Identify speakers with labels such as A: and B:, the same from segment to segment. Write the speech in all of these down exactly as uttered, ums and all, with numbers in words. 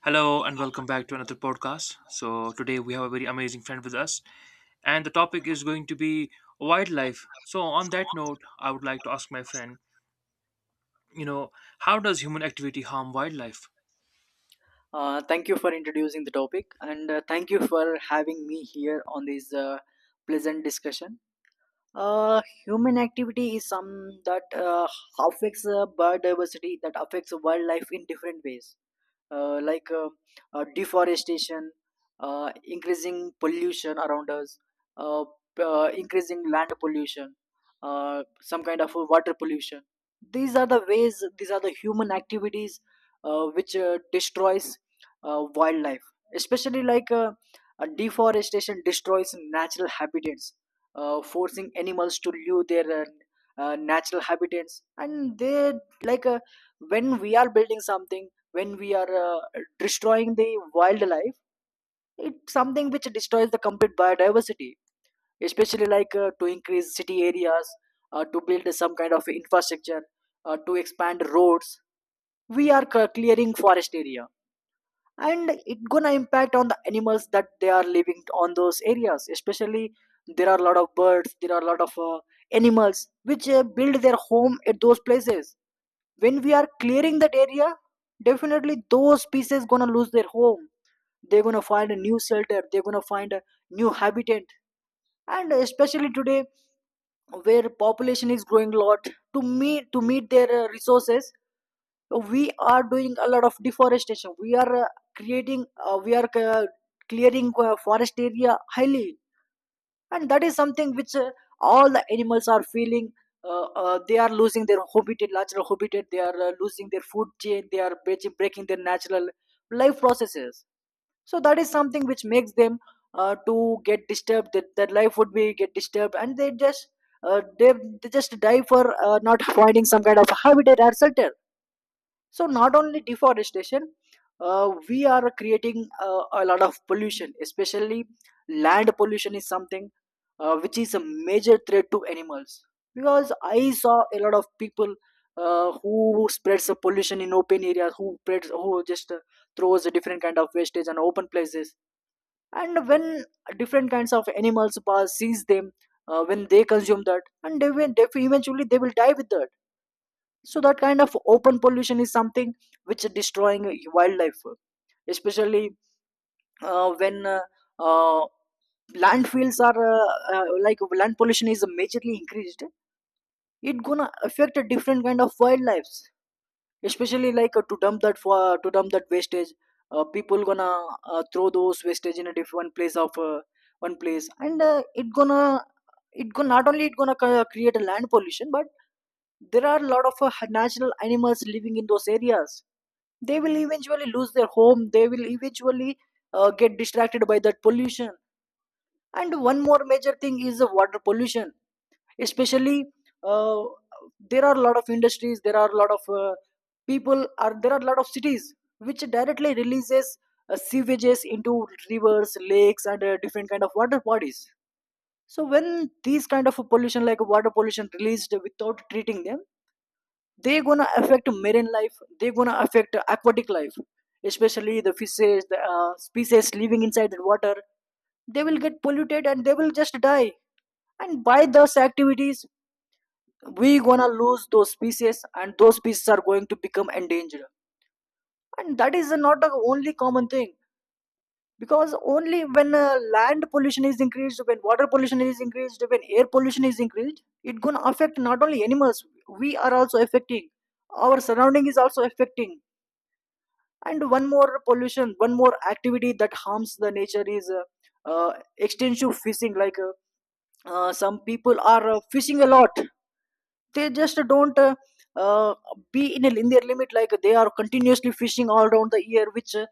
A: Hello and welcome back to another podcast. So today we have a very amazing friend with us, and the topic is going to be wildlife. So on that note, I would like to ask my friend, you know, how does human activity harm wildlife?
B: Uh, thank you for introducing the topic, and uh, thank you for having me here on this uh, pleasant discussion. Uh, Human activity is some that uh, affects uh, biodiversity, that affects wildlife in different ways, uh, like uh, uh, deforestation, uh, increasing pollution around us, uh, p- uh, increasing land pollution, uh, some kind of water pollution. These are the ways. These are the human activities uh, which uh, destroys uh, wildlife, especially like uh, uh, deforestation destroys natural habitats, uh, forcing animals to leave their uh, uh, natural habitats, and they like uh, when we are building something, when we are uh, destroying the wildlife, it's something which destroys the complete biodiversity, especially like uh, to increase city areas, uh, to build some kind of infrastructure, uh, to expand roads. We are c- clearing forest area, and it gonna impact on the animals that they are living on those areas. Especially, there are a lot of birds, there are a lot of uh, animals which uh, build their home at those places. When we are clearing that area, definitely those species gonna lose their home. They're gonna find a new shelter, they're gonna find a new habitat. And especially today, where population is growing a lot, to meet to meet their uh, resources, so we are doing a lot of deforestation. We are uh, creating, uh, we are uh, clearing uh, forest area highly, and that is something which uh, all the animals are feeling. Uh, uh, they are losing their habitat, natural habitat, they are uh, losing their food chain, they are breaking breaking their natural life processes, so that is something which makes them uh, to get disturbed, that their life would be get disturbed, and they just uh, they, they just die for uh, not finding some kind of habitat or shelter. So not only deforestation, uh, we are creating uh, a lot of pollution. Especially land pollution is something uh, which is a major threat to animals, because I saw a lot of people uh, who spreads the pollution in open areas, who spreads, who just uh, throws a different kind of wastage on open places. And when different kinds of animals pass sees them, uh, when they consume that, and they will, they eventually they will die with that. So that kind of open pollution is something which is destroying wildlife. Especially uh, when uh, uh, landfills are uh, uh, like land pollution is majorly increased, it gonna affect a different kind of wildlife. Especially like uh, to dump that for to dump that wastage, uh, people gonna uh, throw those wastage in a different place of uh, one place, and uh, it gonna it gonna not only it gonna ca- create a land pollution, but there are a lot of uh, natural animals living in those areas. They will eventually lose their home, they will eventually uh, get distracted by that pollution. And one more major thing is the water pollution. Especially, uh, there are a lot of industries, there are a lot of uh, people are there are a lot of cities which directly releases uh, sewages into rivers, lakes, and uh, different kind of water bodies. So when these kind of pollution like water pollution released without treating them, they're gonna affect marine life, they're gonna affect aquatic life, especially the fishes, the uh, species living inside the water. They will get polluted and they will just die. And by those activities, we gonna lose those species, and those species are going to become endangered. And that is not the only common thing, because only when uh, land pollution is increased, when water pollution is increased, when air pollution is increased, it gonna affect not only animals. We are also affecting, our surrounding is also affecting. And one more pollution one more activity that harms the nature is uh, uh, extensive fishing, like uh, uh, some people are uh, fishing a lot. They just don't uh, uh, be in, a, in their limit, like they are continuously fishing all around the year, which uh,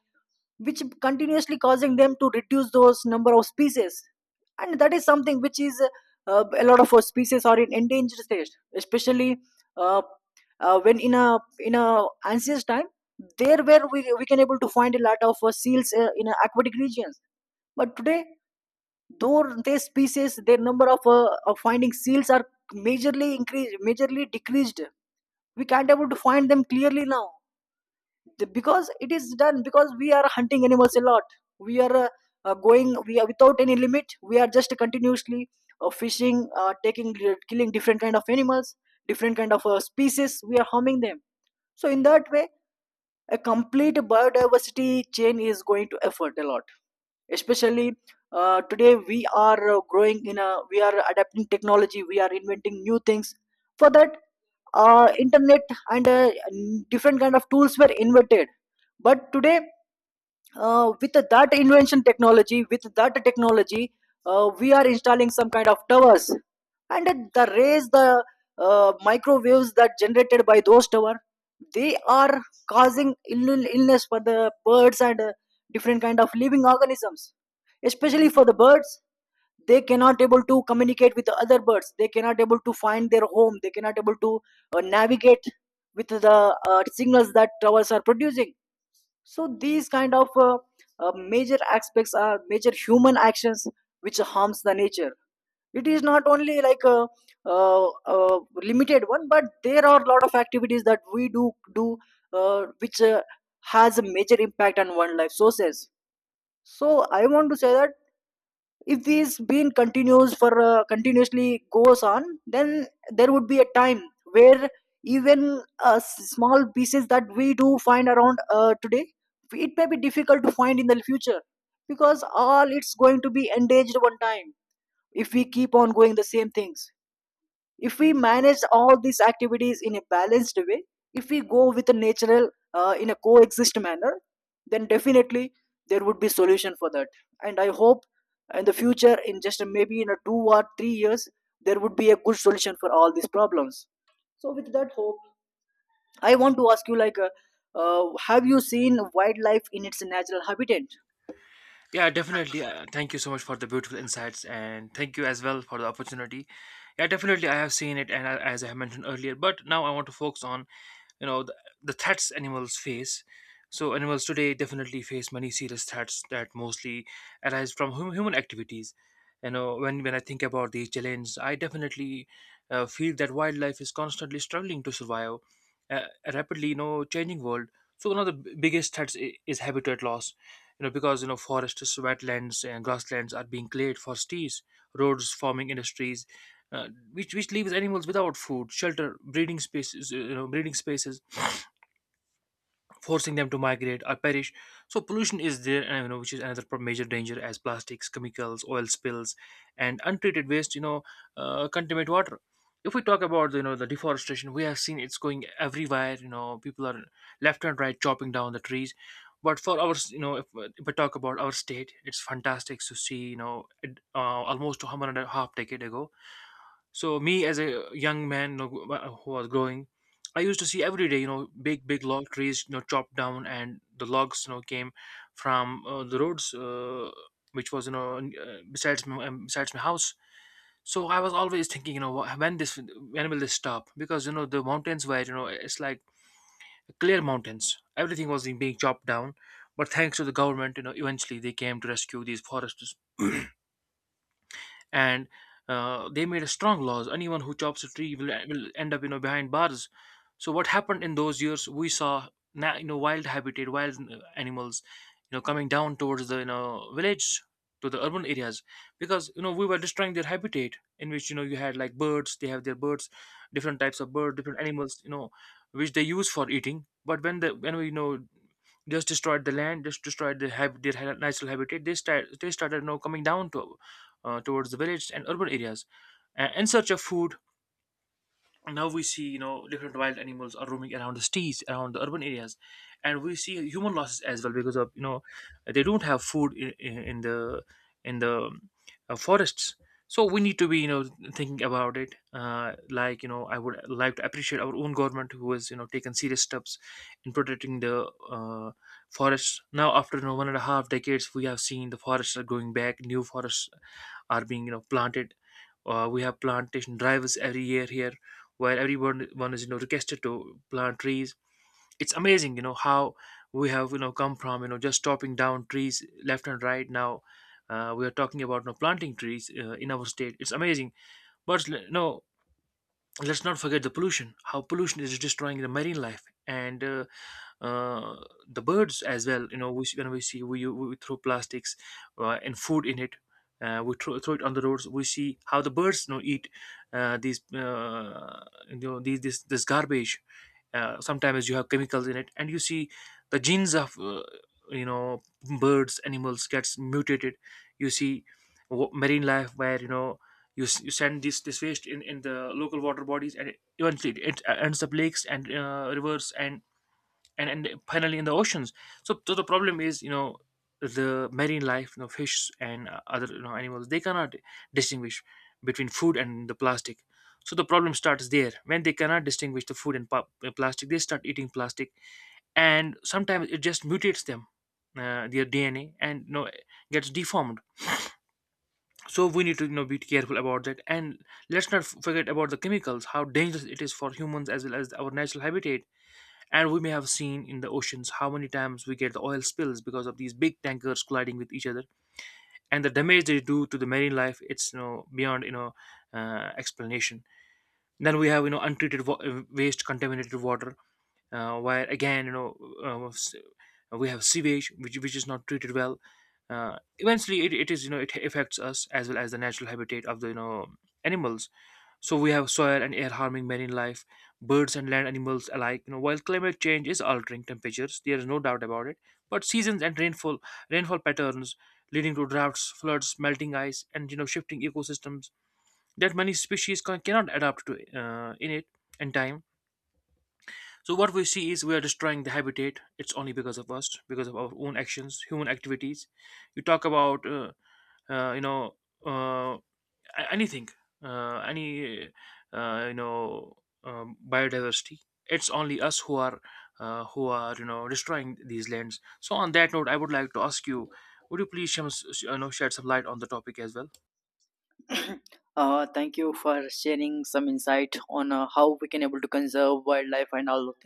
B: which continuously causing them to reduce those number of species. And that is something which is uh, a lot of uh, species are in endangered state. Especially uh, uh, when in a in a ancient time, there where we, we can able to find a lot of uh, seals uh, in uh, aquatic regions. But today, though their species, their number of, uh, of finding seals are majorly increased majorly decreased, we can't able to find them clearly now. The- because it is done, because we are hunting animals a lot. We are uh, uh, going we are without any limit, we are just continuously uh, fishing, uh, taking, uh, killing different kind of animals, different kind of uh, species. We are harming them. So in that way, a complete biodiversity chain is going to effort a lot. Especially, uh, today we are uh, growing in a we are adapting technology, we are inventing new things. For that, uh, internet and uh, different kind of tools were invented. But today, uh, with that invention technology, with that technology, uh, we are installing some kind of towers, and the rays, the uh, microwaves that generated by those towers, they are causing ill- illness for the birds and uh, different kind of living organisms. Especially for the birds, they cannot able to communicate with the other birds. They cannot able to find their home. They cannot able to uh, navigate with the uh, signals that towers are producing. So these kind of uh, uh, major aspects are major human actions which harms the nature. It is not only like a, uh uh limited one, but there are a lot of activities that we do do uh, which uh, has a major impact on wildlife sources. So I want to say that if this been continues, for uh, continuously goes on, then there would be a time where even uh, s- small pieces that we do find around uh, today, it may be difficult to find in the future, because all it's going to be engaged one time if we keep on going the same things. If we manage all these activities in a balanced way, if we go with a natural uh, in a coexist manner, then definitely there would be solution for that. And I hope in the future, in just maybe in a two or three years, there would be a good solution for all these problems. So with that hope, I want to ask you, like, uh, uh, have you seen wildlife in its natural habitat?
A: Yeah, definitely. Uh, thank you so much for the beautiful insights, and thank you as well for the opportunity. Yeah, definitely, I have seen it, and I- as I have mentioned earlier, but now I want to focus on you know the, the threats animals face. So animals today definitely face many serious threats that mostly arise from hum- human activities. You know when, when I think about these challenges I definitely uh, feel that wildlife is constantly struggling to survive uh, a rapidly you know changing world. So one of the b- biggest threats i- is habitat loss. You know because you know forests, wetlands, and grasslands are being cleared for cities, roads, farming, industries, uh, which which leaves animals without food, shelter, breeding spaces, uh, you know breeding spaces, forcing them to migrate or perish. So pollution is there, and you know, which is another pro- major danger, as plastics, chemicals, oil spills, and untreated waste. You know, uh, contaminate water. If we talk about you know the deforestation, we have seen it's going everywhere. You know, people are left and right chopping down the trees. But for our, you know, if, if I talk about our state, it's fantastic to see, you know, it, uh, almost one hundred and a half decade ago, so me as a young man, you know, who was growing, I used to see every day, you know, big big log trees, you know, chopped down, and the logs, you know, came from uh, the roads, uh, which was, you know, n- uh, besides my, um, besides my house. So I was always thinking, you know, wh- when this when will this stop? Because you know the mountains were, you know, it's like clear mountains. Everything was being chopped down, but thanks to the government, you know, eventually they came to rescue these forests, and uh, they made a strong laws. Anyone who chops a tree will, will end up, you know, behind bars. So what happened in those years? We saw, na- you know, wild habitat, wild uh, animals, you know, coming down towards the, you know, village, to the urban areas, because you know we were destroying their habitat, in which you know you had like birds, they have their birds, different types of birds, different animals, you know which they use for eating. But when the when we you know just destroyed the land, just destroyed the hab- their ha- natural habitat. They start they started, you know, coming down to uh, towards the village and urban areas uh, in search of food. Now we see, you know, different wild animals are roaming around the cities, around the urban areas, and we see human losses as well because of, you know, they don't have food in, in, in the in the uh, forests. So we need to be, you know, thinking about it. Uh, like, you know, I would like to appreciate our own government who has, you know, taken serious steps in protecting the uh, forests. Now, after you know, one and a half decades, we have seen the forests are going back. New forests are being you know planted. Uh, we have plantation drives every year here, where everyone one is you know requested to plant trees. It's amazing you know how we have you know come from you know just chopping down trees left and right. Now uh, we are talking about, you know, planting trees, uh, in our state, it's amazing. But l- no, let's not forget the pollution, how pollution is destroying the marine life, and uh, uh, the birds as well. You know we, see- when we see, we, we throw plastics uh, and food in it. uh, we throw, throw it on the roads. We see how the birds you know eat uh, these uh, you know these this this garbage. Uh, sometimes you have chemicals in it, and you see the genes of uh, you know birds, animals, gets mutated. You see, wa- marine life, where you know you, s- you send this this waste in in the local water bodies, and it, eventually it ends up lakes and uh, rivers, and and and finally in the oceans. So, so the problem is, you know, the marine life, you know, fish and uh, other you know animals, they cannot distinguish between food and the plastic. So the problem starts there. When they cannot distinguish the food and pa- uh, plastic, they start eating plastic, and sometimes it just mutates them, uh, their D N A, and you know, gets deformed. So we need to you know be careful about that, and let's not f- forget about the chemicals, how dangerous it is for humans as well as our natural habitat. And we may have seen in the oceans how many times we get the oil spills, because of these big tankers colliding with each other, and the damage they do to the marine life. It's you know beyond, you know uh, explanation. Then we have you know untreated wa- uh, waste, contaminated water, uh, where again you know uh, s- we have sewage which which is not treated well. Uh, eventually, it, it is you know it affects us as well as the natural habitat of the you know animals. So we have soil and air harming marine life, birds, and land animals alike. You know, while climate change is altering temperatures, there is no doubt about it. But seasons and rainfall, rainfall patterns leading to droughts, floods, melting ice, and you know shifting ecosystems that many species can, cannot adapt to uh, in it in time. So what we see is we are destroying the habitat. It's only because of us, because of our own actions, human activities. You talk about uh, uh, you know. Uh, a- anything, uh, any, uh, you know um, biodiversity, it's only us who are, uh, who are you know destroying these lands. So on that note, I would like to ask you, would you please shum- sh- you know, shed some light on the topic as well?
B: uh, thank you for sharing some insight on uh, how we can able to conserve wildlife and all the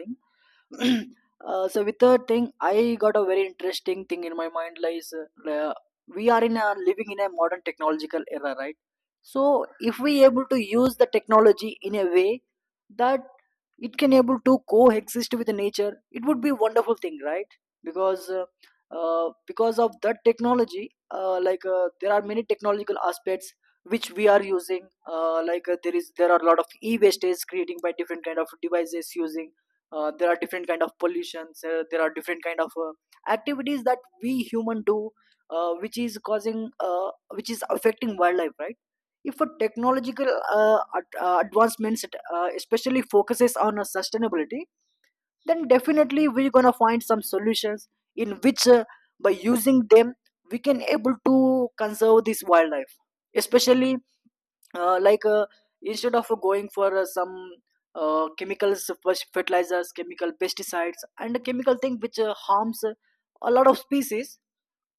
B: thing. uh, so with the thing, I got a very interesting thing in my mind, like uh, we are in a living in a modern technological era, right? So if we able to use the technology in a way that it can able to coexist with the nature, it would be wonderful thing, right? Because uh, uh, because of that technology, uh, like uh, there are many technological aspects which we are using. Uh, like uh, there is there are a lot of e-waste is creating by different kind of devices using. Uh, there are different kind of pollutions, uh, there are different kind of uh, activities that we human do, uh, which is causing uh, which is affecting wildlife, right? If a technological uh, ad- uh, advancements uh, especially focuses on uh, sustainability, then definitely we're gonna find some solutions in which uh, by using them, we can able to conserve this wildlife. Especially uh, like uh, instead of going for uh, some uh, chemicals, fers- fertilizers, chemical pesticides, and chemical thing which uh, harms uh, a lot of species.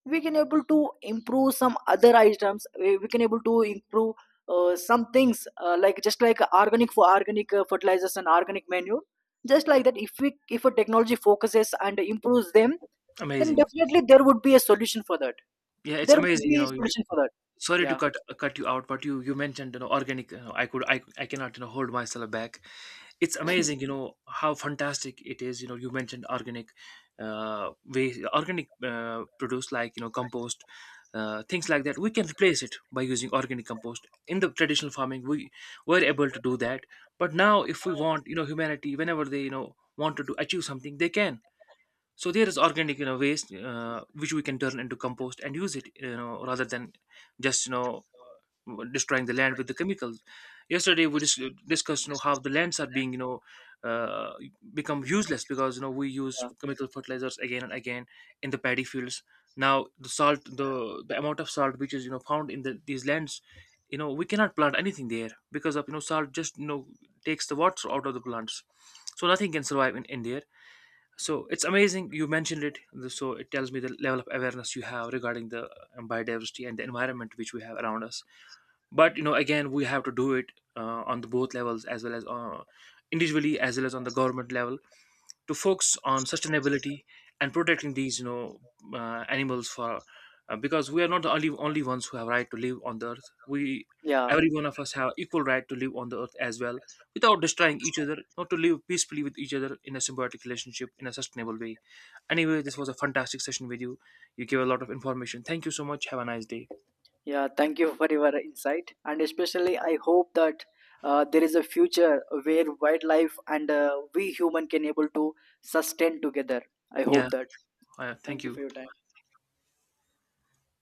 B: We can able to improve some other items. We, we can able to improve uh, some things, uh, like, just like organic, for organic uh, fertilizers and organic manure. Just like that, if we if a technology focuses and improves them, then
A: Amazing.
B: definitely there would be a solution for that.
A: Yeah, it's
B: There would
A: amazing. you
B: be a
A: know you
B: solution for that.
A: Sorry to
B: Yeah,
A: cut cut you out, but you you mentioned, you know organic. you know, I could, I, I cannot you know hold myself back. It's amazing you know how fantastic it is. You know you mentioned organic, uh way, organic uh, produce, like you know compost, uh, things like that we can replace it by using organic compost. In the traditional farming we were able to do that, but now if we want, you know humanity, whenever they you know wanted to achieve something, they can. So there is organic you know waste, uh, which we can turn into compost and use it, you know rather than just you know destroying the land with the chemicals. Yesterday we dis- discussed you know how the lands are being, you know uh, become useless, because you know we use chemical fertilizers again and again in the paddy fields. Now the salt, the the amount of salt, which is you know found in the, these lands, you know we cannot plant anything there, because of you know salt just you know takes the water out of the plants, so nothing can survive in, in there. So it's amazing you mentioned it. So it tells me the level of awareness you have regarding the um, biodiversity and the environment which we have around us. But you know again, we have to do it uh, on the both levels, as well as uh, individually, as well as on the government level, to focus on sustainability and protecting these, you know uh, animals, for uh, because we are not the only only ones who have right to live on the earth. We,
B: yeah,
A: every one of us, have equal right to live on the earth as well, without destroying each other, not to live peacefully with each other in a symbiotic relationship, in a sustainable way. Anyway, this was a fantastic session with you. You gave a lot of information. Thank you so much. Have a nice day.
B: yeah, thank you for your insight, and especially I hope that uh, there is a future where wildlife and uh, we human can able to sustain together. I hope
A: Yeah,
B: that.
A: uh,
B: Thank
A: thank
B: you for
A: you.
B: your time.